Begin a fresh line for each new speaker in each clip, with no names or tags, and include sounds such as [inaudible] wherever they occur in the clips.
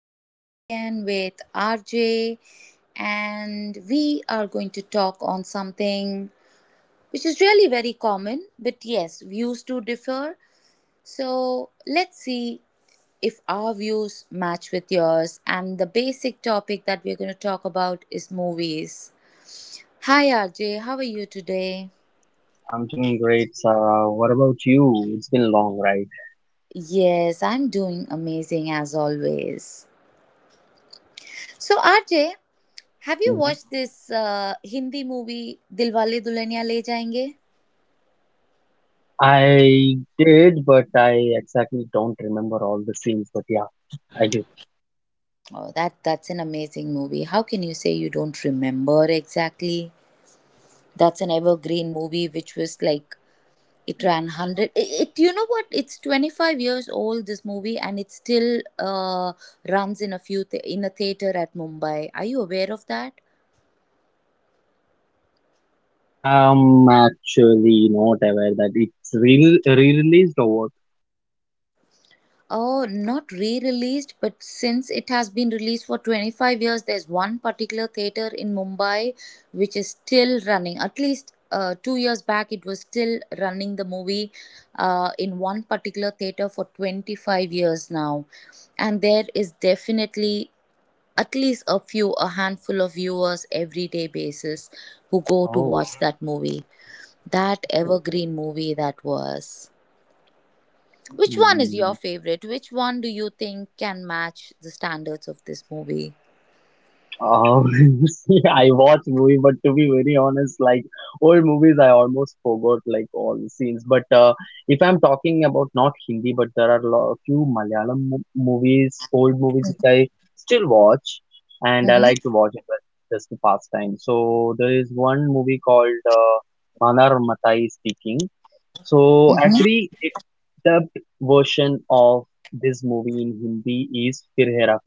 back again with RJ, and we are going to talk on something which is really very common, but yes, views do differ. So, let's see if our views match with yours. And the basic topic that we're going to talk about is movies. Hi, RJ. How are you today?
I'm doing great, Sarah. What about you? It's been long, right?
Yes, I'm doing amazing as always. So, RJ, have you
hmm
watched this Hindi movie Dilwale Dulhaniya Le Jayenge?
I did, but I exactly don't remember all the scenes. But yeah, I did.
Oh, that's an amazing movie. How can you say you don't remember exactly? That's an evergreen movie which was like it ran 100, it, you know what, it's 25 years old, this movie, and it still runs in a few in a theater at Mumbai. Are you aware of that?
I'm actually not aware that it's re re-released or what.
Oh, not re-released, but since it has been released for 25 years, there's one particular theater in Mumbai which is still running. At least 2 years back, it was still running the movie in one particular theater for 25 years now. And there is definitely at least a handful of viewers every day basis who go to
Oh.
watch that movie. That evergreen movie that was. Which one is
Mm.
your favorite? Which one do you think can match the standards of this movie?
Um, [laughs] See, I watch movie, but to be very honest, like old movies, I almost forgot like all the scenes. But if I'm talking about not Hindi, but there are a few Malayalam mo movies, old movies that I still watch, and I
Mm-hmm.
like to watch it but just to pass time. So there is one movie called Manar Matai Speaking. So
Mm-hmm.
actually, it, the version of this movie in Hindi is Fir Hera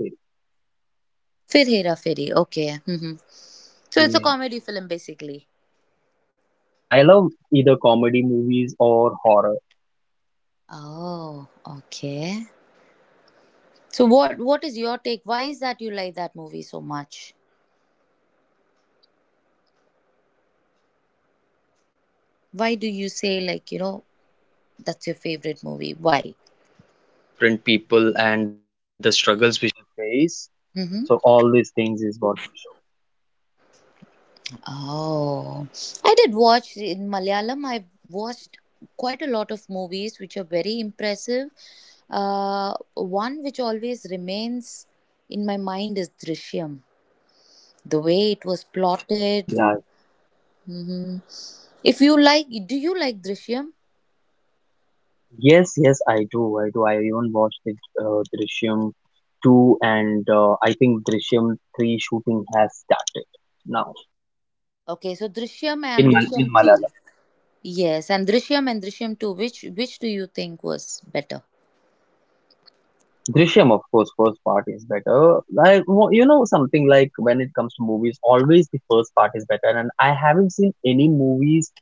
Fir Hera Feri. Okay. Mm-hmm. So it's a
Feri.
comedy film basically.
Yes, I love either comedy movies or horror.
Oh, okay. So what is your take? Why is that you like that movie so much? Why do you say, like, that's your favorite movie? Why? Mm-hmm. Oh, I did watch in Malayalam. I've watched quite a lot of movies which are very impressive. One which always remains in my mind is Drishyam. The way it was
Yeah,
plotted. hmm If you like, do you like Drishyam?
yes, yes, I do. I do. I even watched the Drishyam 2, and I think Drishyam 3 shooting has started now
Okay, so Drishyam
in
and Drishyam 2.
Malayalam.
Yes, and Drishyam 2. Which do you think was better?
Drishyam, of course, first part is better. You know, something like when it comes to movies, always the first part is better. And I haven't seen any movies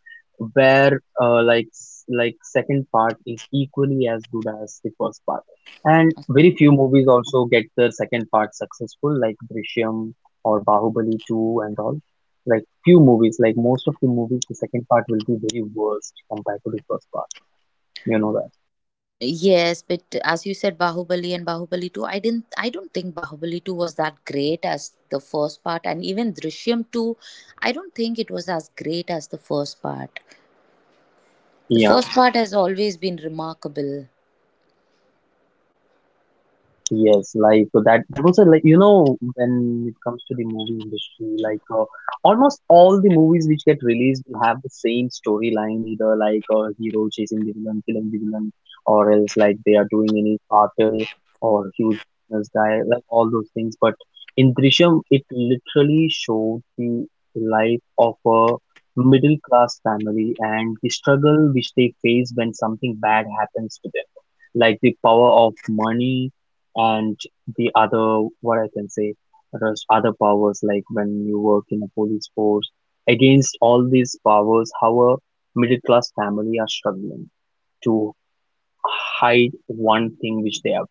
where second part is equally as good as the first part. And very few movies also get their second part successful, like Drishyam or Bahubali 2 and all. Like few movies, like most of the movies, the second part will be very worst compared to first part. You know that.
Yes, but as you said, Bahubali and Bahubali 2, I don't think Bahubali 2 was that great as the first part, and even Drishyam 2, I don't think it was as great as the first part. The
Yeah.
first part has always been remarkable.
Yes, like so that was a, like, you know, when it comes to the movie industry, like almost all the movies which get released will have the same storyline, either like a hero chasing the villain, killing the villain, or else like they are doing any cartel or huge business guy, like all those things. But in Drishyam, it literally showed the life of a middle class family and the struggle which they face when something bad happens to them, like the power of money and the other, what I can say, there's other powers like when you work in a police force. Against all these powers, how a middle class family are struggling to hide one thing which they have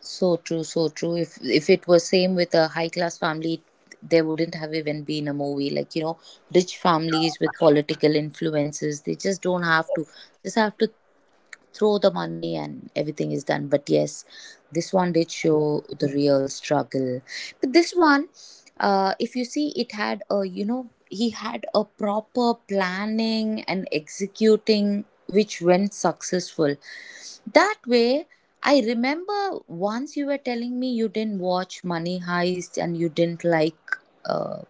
So true, so true. If it was same with a high class family, there wouldn't have even been a movie. Like, rich families with political influences, they just don't have to just have to throw the money and everything is done. But yes, this one did show the real struggle, but this one, if you see, it had a, he had a proper planning and executing which went successful that way. I remember once you were telling me you didn't watch Money Heist and you didn't like, uh,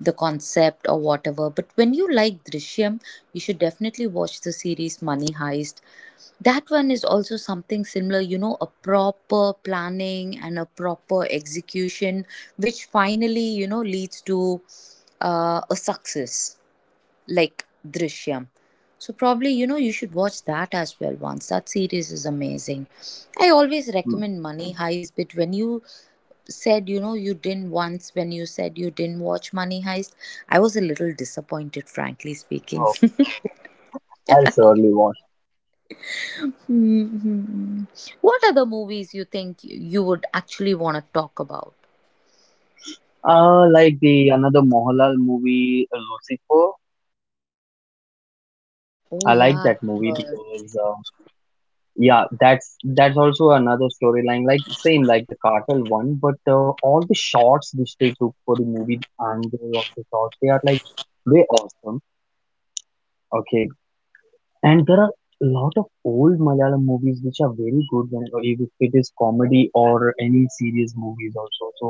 the concept or whatever. But when you like Drishyam, you should definitely watch the series Money Heist. That one is also something similar, a proper planning and a proper execution, which finally, leads to a success like Drishyam. So probably, you should watch that as well once. That series is amazing. I always
done.
recommend Money Heist, but when you said, you didn't, once when you said you didn't watch Money Heist, I was a little disappointed, frankly speaking.
So
[laughs]
I'll surely watch.
Mhm. What other movies you think you would actually want to talk about?
Like the another Mohanlal movie, Lucifer.
Oh
I like
yeah,
that movie
I've
because yeah, that's also another storyline, like same like the cartel one, but all the shots which they took for the movie and the of the shots, they are like way awesome. Okay. And there are a lot of old Malayalam movies which are very good, when if it is comedy or any serious movies also. So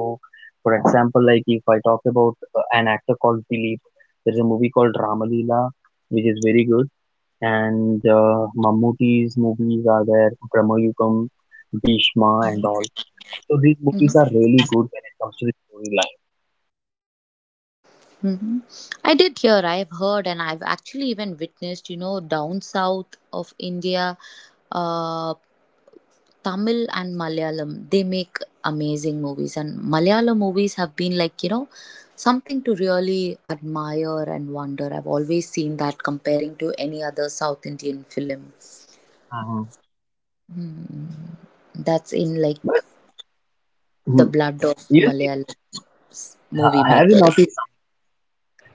for example, like if I talk about an actor called Dilip, there's a movie called Ramalila which is very good. And Mammootty's movies are there, Brahmayugam, Bhishma, and all. So these
heard.
movies are really good when it comes to the storyline.
hmm I did hear, I've heard, and I've actually even witnessed, down south of India, uh, Tamil and Malayalam, they make amazing movies. And Malayalam movies have been like, something to really admire and wonder. I've always seen that comparing to any other South Indian film.
Mhm.
Hmm. That's in like
But
the
hmm,
blood of
you know,
Malayalam movie
have you
makers.
noticed?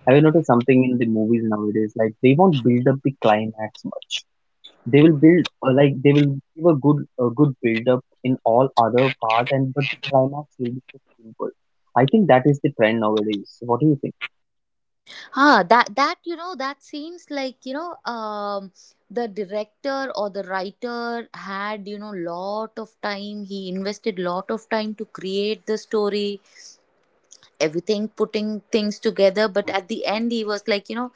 Have you noticed something in the movies nowadays? Like they won't build up the climax much. They will build they will give a good build up in all other part, and but the climax will be so simple. I think that is the trend nowadays. What do you think?
Ah, that that seems like, the director or the writer had, lot of time, he invested lot of time to create the story, everything, putting things together, but at the end he was like,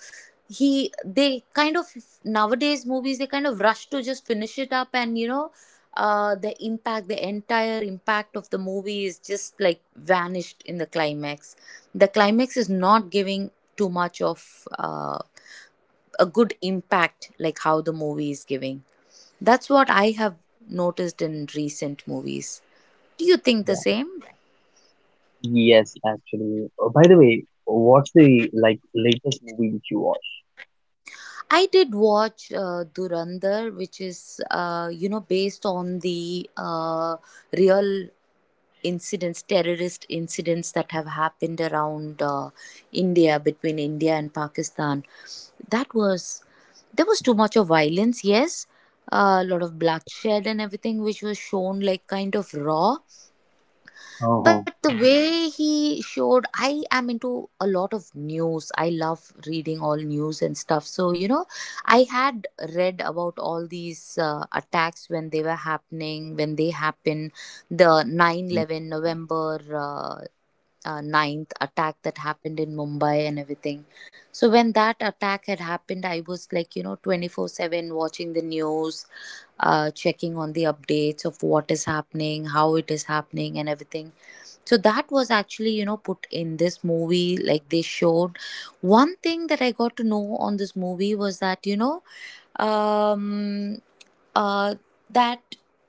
he they kind of, nowadays movies, they kind of rush to just finish it up, and the impact, the entire impact of the movie is just like vanished in the climax. The climax is not giving too much of a good impact like how the movie is giving. That's what I have noticed in recent movies. Do you think the same?
Yes, actually. Oh, by the way, what's the like latest movie which you watched?
I did watch Durandar, which is based on the real incidents, terrorist incidents that have happened around India, between India and Pakistan. That was there was too much of violence, yes, a lot of
Okay.
bloodshed and everything, which was shown like kind of raw. But
Oh.
the way he showed, I am into a lot of news, I love reading all news and stuff, so I had read about all these attacks when they were happening, when they happened, the nine
Mm,
eleven november 9th attack that happened in Mumbai, and everything. So when that attack had happened, I was like, 24/7 watching the news, checking on the updates of what is happening, how it is happening, and everything. So that was actually, put in this movie, like they showed one thing that I got to know on this movie was that, um uh that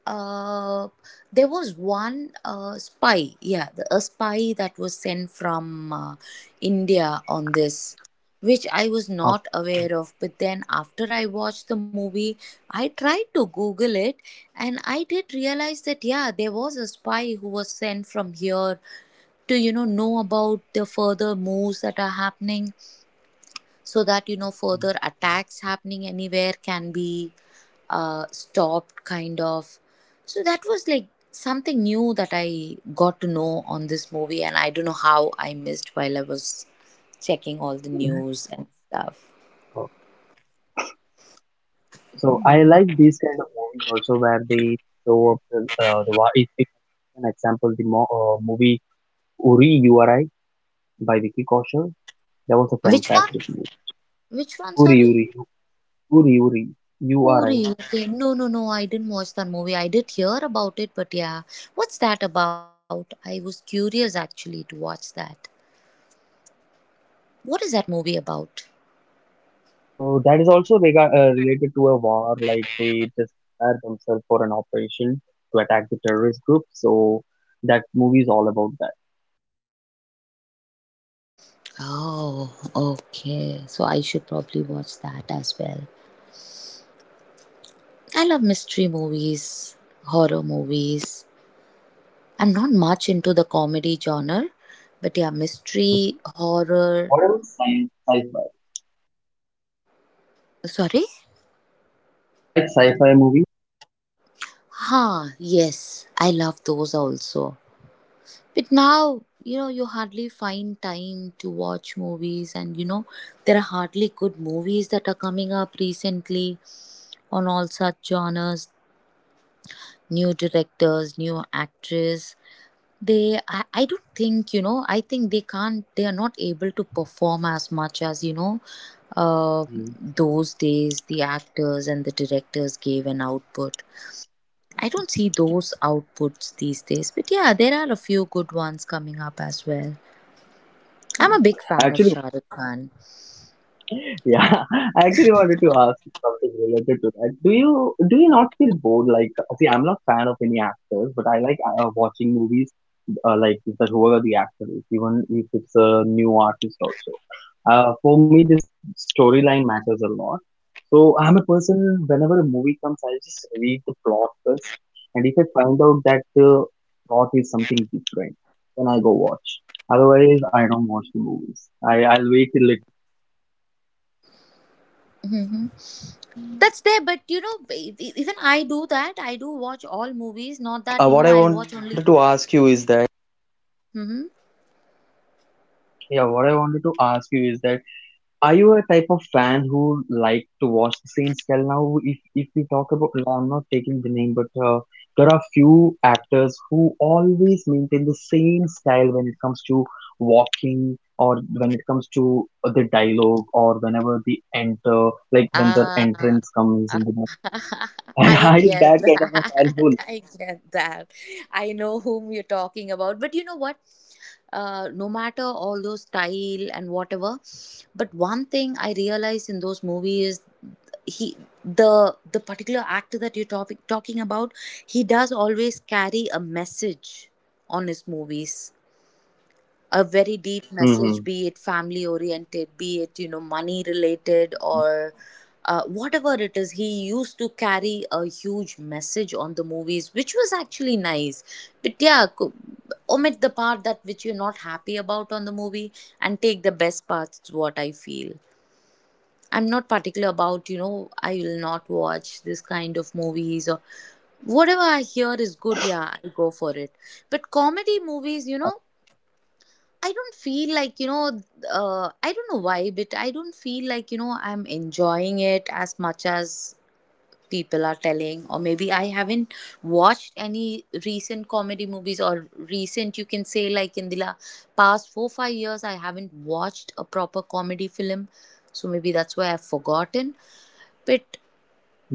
uh there was one spy, yeah, a spy that was sent from India on this, which I was
okay.
not aware of, but then after I watched the movie, I tried to Google it, and I did realize that, yeah, there was a spy who was sent from here to, know about the further moves that are happening so that, further attacks happening anywhere can be stopped, kind of. So that was like something new that I got to know on this movie, and I don't know how I missed while I was checking all the news and stuff.
Oh. So I like these kind of movies also where they show up the war. If an example, the mo movie Uri, URI by Vicky Kaushal, that was a
Which one?
fantastic movie.
Which one,
Uri
sorry?
Uri Uri, URI.
Ori, okay. No, no, no, I didn't watch that movie. I did hear about it, but yeah. What's that about? I was curious actually to watch that. What is that movie about?
So that is also related to a war, like they just prepare themselves for an operation to attack the terrorist group. So that movie is all about that.
Oh, okay. So I should probably watch that as well. I love mystery movies, horror movies. I'm not much into the comedy genre, but yeah,
Mm.
mystery, horror.
What about sci-fi.
Sorry?
Do you like sci-fi movies?
Huh, yes. I love those also. But now, you hardly find time to watch movies, and there are hardly good movies that are coming up recently on all such genres. New directors, new actors. I don't think, I think they can't, they are not able to perform as much as, uh,
Mm.
those days the actors and the directors gave an output. I don't see those outputs these days, but yeah, there are a few good ones coming up as well. I'm a big fan of
Actually,
Shah Rukh Khan.
[laughs] yeah, I actually wanted to ask you something related to that. Do you not feel bored? Like, see, I'm not fan of any actors, but I like watching movies, like that, who are the actors, even if it's a new artist also. For me, this storyline matters a lot. So I'm a person, whenever a movie comes, I just read the plot first. And if I find out that the plot is something different, then I go watch. Otherwise, I don't watch the movies.
hmm That's there, but even I do that. I do watch all movies. Not that, I'll watch only. hmm
To watch the same scale. Now, if we talk about, no, I'm not taking the name, but there are few actors who always maintain the same style when it comes to walking, or when it comes to the dialogue, or whenever they enter, like when the
Ah,
entrance comes in the.
[laughs]
[laughs] I
I
hate
get
that kind of a
that.
fan.
[laughs] I get that. I know whom you're talking about. But you know what? No matter all those style and whatever, but one thing I realized in those movies, he the particular actor that you're, talking about, he does always carry a message on his movies, a very deep message, be
hmm
it family oriented, be it, money related, or whatever it is. He used to carry a huge message on the movies which was actually nice. But yeah, omit the part that which you're not happy about on the movie and take the best parts, is what I feel. I'm not particular about, I will not watch this kind of movies or whatever I hear is good, yeah, I'll go for it. But comedy movies, I don't feel like, I don't know why, but I don't feel like, I'm enjoying it as much as people are telling. Or maybe I haven't watched any recent comedy movies or recent, you can say, like in the past 4, 5 years, I haven't watched a proper comedy film. So maybe that's why I've forgotten. But
hmm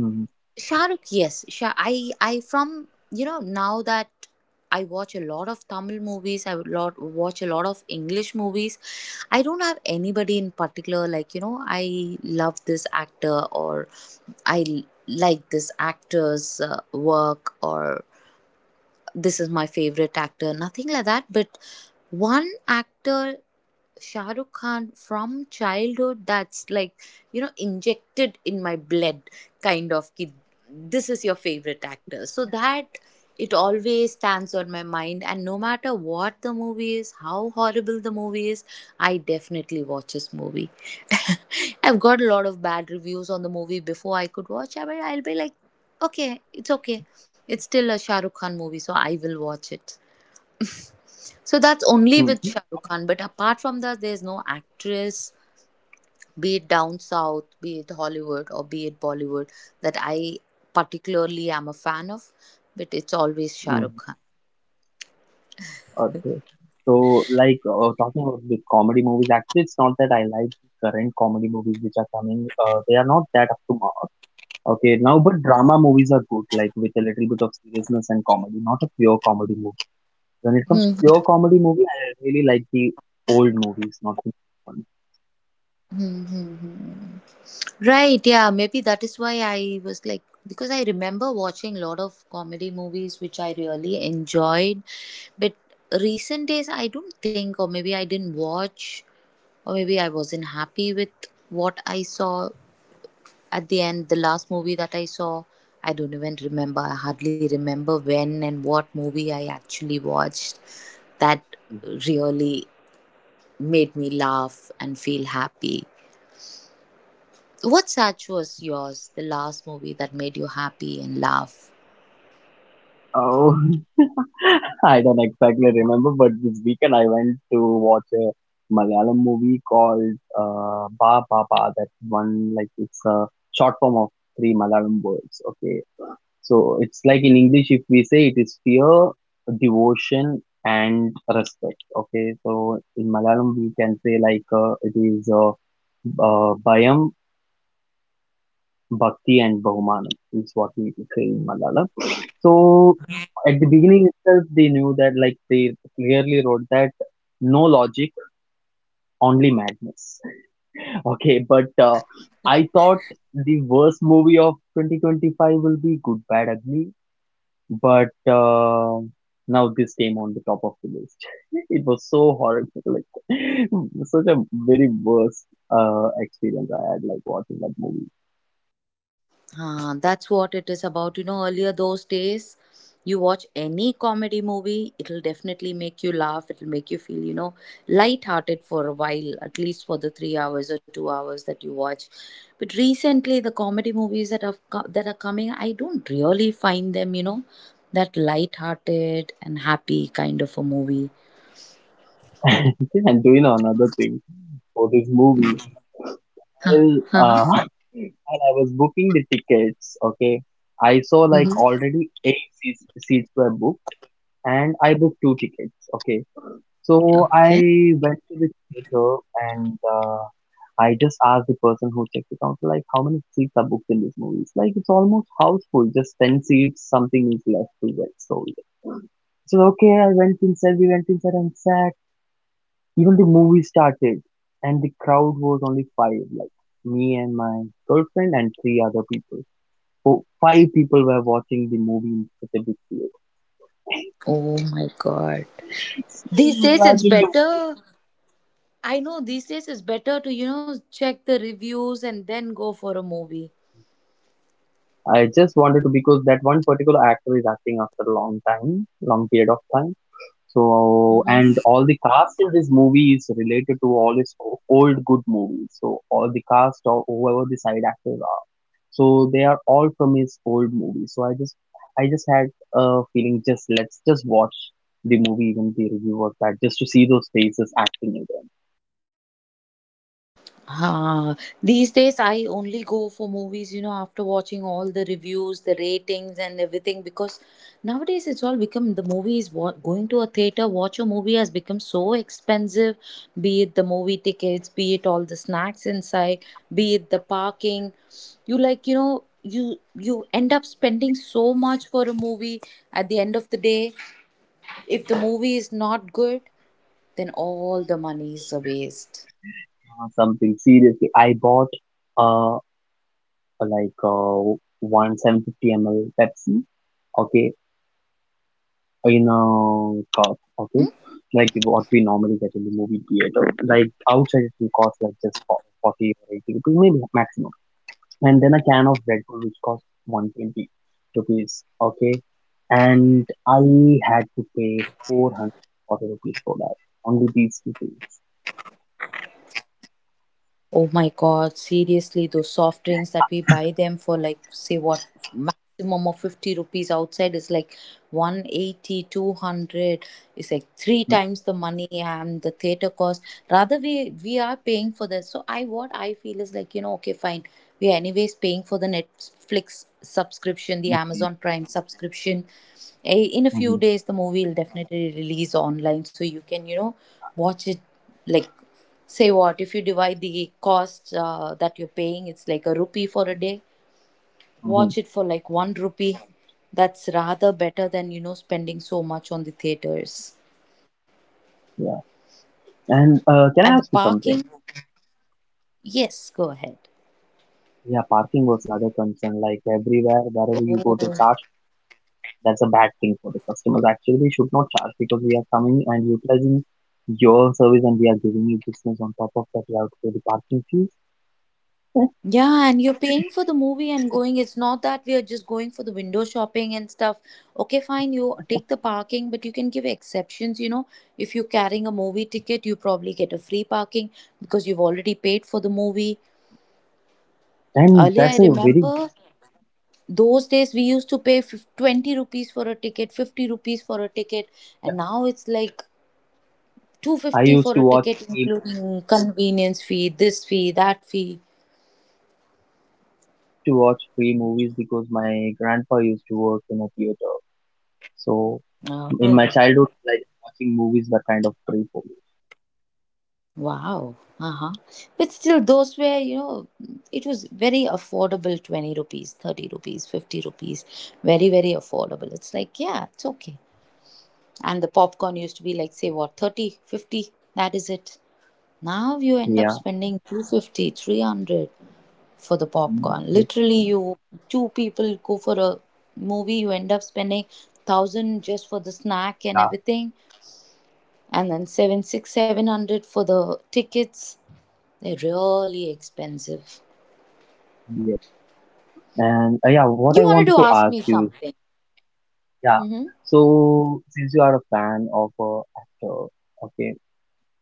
Shah Rukh, yes, Shah, I from, now that I watch a lot of Tamil movies, I would lot watch a lot of English movies. I don't have anybody in particular, like, I love this actor, or like this actor's work, or this is my favorite actor. Nothing like that. But one actor, Shah Rukh Khan, from childhood, that's like, injected in my blood, kind of. Ki, this is your favorite actor. So that it always stands on my mind. And no matter what the movie is, how horrible the movie is, I definitely watch this movie. [laughs] I've got a lot of bad reviews on the movie before I could watch it, but I'll be like, okay. It's still a Shah Rukh Khan movie, so I will watch it. So that's only with Shah Rukh Khan. But apart from that, there's no actress be it down south, be it Hollywood, or be it Bollywood, that I particularly am a fan of, but it's always Shah
hmm
Rukh Khan.
Okay. So, like, talking about the comedy movies, actually, it's not that I like the current comedy movies which are coming. They are not that up to mark. Okay, now, but drama movies are good, like with a little bit of seriousness and comedy, not a pure comedy movie. When it comes to
Hmm,
pure comedy movie, I really like the old movies, not the new
hmm, hmm, hmm. Right, yeah, maybe that is why I was like, because I remember watching a lot of comedy movies which I really enjoyed, but recent days I don't think, or maybe I didn't watch, or maybe I wasn't happy with what I saw. At the end, the last movie that I saw, I don't even remember. I hardly remember when and what movie I actually watched. That
ones.
really made me laugh and feel happy. What such was yours, the last movie that made you happy and laugh?
Oh. [laughs] I don't exactly remember, but this weekend I went to watch a Malayalam movie called Ba Ba Ba. That one, like, it's a short form of three Malayalam words. Okay, so it's like in English, if we say it is fear, devotion, and respect. Okay, so in Malayalam we can say like it is Bayam, Bhakti, and Bahumanam. Is what we say in Malayalam. So at the beginning itself, they knew that, like they clearly wrote that no logic, only madness. [laughs] Okay, but I thought the worst movie of 2025 will be Good, Bad, Ugly, but now this came on the top of the list. [laughs] It was so horrible, like [laughs] such a very worst experience I had, like watching that movie.
Ah, that's what it is about. You know, earlier those days, you watch any comedy movie, it'll definitely make you laugh. It'll make you feel, you know, lighthearted for a while, at least for the 3 hours or 2 hours that you watch. But recently, the comedy movies that that are coming, I don't really find them, you know, that lighthearted and happy kind of a movie.
[laughs] And do you know another thing for this movie?
Huh.
Well,
Huh, huh.
[laughs] while I was booking the tickets, okay, I saw like
Mm-hmm.
already seats were booked, and I booked two tickets, okay. So
Okay.
I went to the theater and I just asked the person who checked the counter, like, how many seats are booked in this movie? It's like it's almost house full, just 10 seats, something is left to get sold. So, okay, I went inside, we went inside and sat. Even the movie started, and the crowd was only five, like me and my girlfriend and three other people. So five people were watching the movie in such a big theater.
Oh my God.
So
These days, it's
imagine the.
better, I know these days it's better to, you know, check the reviews and then go for a movie.
I just wanted to because that one particular actor is acting after a long time, long period of time. So, and
Mm-hmm.
all the cast in this movie is related to all his old good movies. So, all the cast or whoever the side actors are. So, they are all from his old movies. So, I just had a feeling, just let's just watch the movie when the review was that, just to see those faces acting again.
Ah, these days I only go for movies, you know, after watching all the reviews, the ratings, and everything because nowadays it's all become the movies. Going to a theater, watch a movie has become so expensive, be it the movie tickets, be it all the snacks inside, be it the parking. You like, you know, you end up spending so much for a movie at the end of the day. If the movie is not good, then all the money is a waste.
Something seriously. I bought uh one 750 ml Pepsi. Okay, in a car, okay?
Hmm.
Like what we normally get in the movie theater. Like outside it will cost like just for 40 or 80 rupees, maybe maximum. And then a can of Red Bull which costs 120 rupees, okay? And I had to pay 440 rupees for that. Only these two things.
Oh my God, seriously, those soft drinks that we buy them for like, say what, maximum of 50 rupees outside is like 180, 200. It's like three times the money and the theater cost. Rather, we are paying for this. So I, what I feel is like, you know, okay, fine. We are anyways paying for the Netflix subscription, the
Okay.
Amazon Prime subscription. Eh, in a few
hmm
days, the movie will definitely release online. So you can, you know, watch it like, say what, if you divide the cost that you're paying, it's like a rupee for a day.
hmm
Watch it for like one rupee. That's rather better than, you know, spending so much on the theaters.
Yeah. And
And
can
the
I ask you
parking,
something?
yes, go ahead.
Yeah, parking was another concern. Like everywhere, wherever you go, they
Oh.
charge. That's a bad thing for the customers. Actually, we should not charge because we are coming and utilizing your service and we are giving you business on top of that without for the parking fees.
Yeah, and you're paying for the movie and going. It's not that we are just going for the window shopping and stuff. Okay, fine, you take the parking, but you can give exceptions. You know, if you're carrying a movie ticket, you probably get a free parking because you've already paid for the movie.
And
Earlier, I
that's a very big.
remember those days we used to pay 20 rupees for a ticket, 50 rupees for a ticket,
Yeah.
and now it's like
I
250
used
for
to
a
watch
ticket,
free,
including convenience fee, this fee, that fee.
I used to watch free movies because my grandpa used to work in a theater. So in my
Oh,
childhood, like watching movies were kind of free for me.
wow. Uh huh. But still, those were, you know, it was very affordable, 20 rupees, 30 rupees, 50 rupees. Very, very affordable. It's like, yeah, it's okay. And the popcorn used to be like, say, what, 30, 50. That is it. Now you end up
Yeah.
spending 250, 300 for the popcorn.
Mm.
Literally, you two people go for a movie, you end up spending thousand just for the snack and
Yeah.
everything, and then seven, six, 700 for the tickets. They're really expensive.
Yes. And yeah, what
You
I
wanted
wanted
to
to
ask me
ask you is.
something.
Yeah.
Mm-hmm.
So since you are a fan of a actor, okay,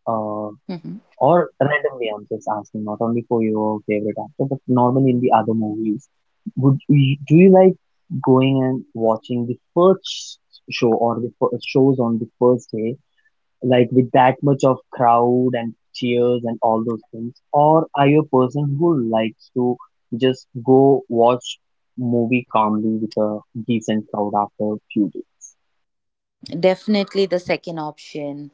uh,
Mm-hmm.
or randomly, I'm just asking, not only for your favorite actor, but normally in the other movies, would you, do you like going and watching the first show or the first shows on the first day, like with that much of crowd and cheers and all those things, or are you a person who likes to just go watch movie calmly with a decent crowd after a few days?
Definitely the second option.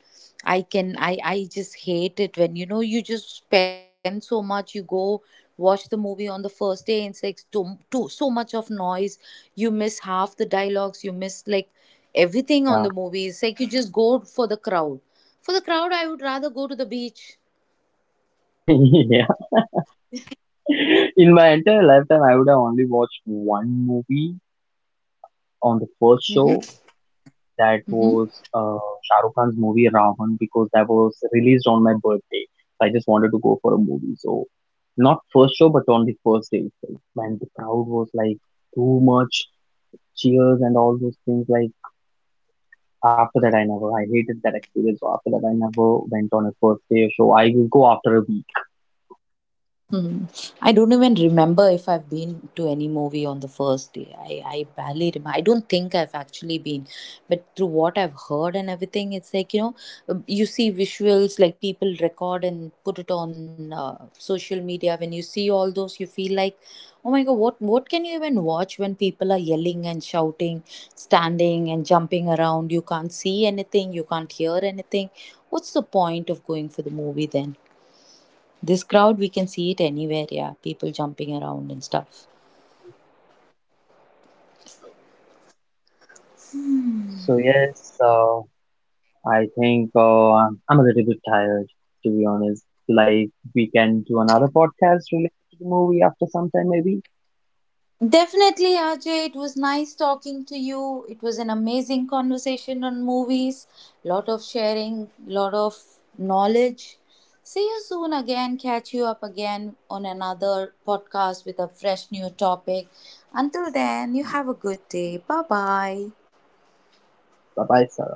I can i i just hate it when, you know, you just spend so much, you go watch the movie on the first day, and it's like too so much of noise. You miss half the dialogues, you miss like everything on the
Yeah.
movie. It's like you just go for the crowd. For the crowd, I would rather go to the beach.
[laughs] Yeah. In my entire lifetime, I would have only watched one movie on the first show. That
Mm-hmm.
was Shah Rukh Khan's movie Ravan because that was released on my birthday. I just wanted to go for a movie. So, not first show, but on the first day itself. And the crowd was like too much cheers and all those things. Like, after that, I never, I hated that experience. So, after that, I never went on a first day show. I will go after a week.
I don't even remember if I've been to any movie on the first day. I barely remember. I don't think I've actually been. But through what I've heard and everything, it's like, you know, you see visuals, like people record and put it on social media. When you see all those, you feel like, oh my God, what can you even watch when people are yelling and shouting, standing and jumping around? You can't see anything, you can't hear anything. What's the point of going for the movie then? This crowd, we can see it anywhere, yeah. People jumping around and stuff.
So, yes. I think I'm a little bit tired, to be honest. Like, we can do another podcast related to the movie after some time, maybe.
Definitely, Ajay. It was nice talking to you. It was an amazing conversation on movies. Lot of sharing, lot of knowledge. See you soon again. Catch you up again on another podcast with a fresh new topic. Until then, you have a good day. Bye bye.
Bye bye, sir.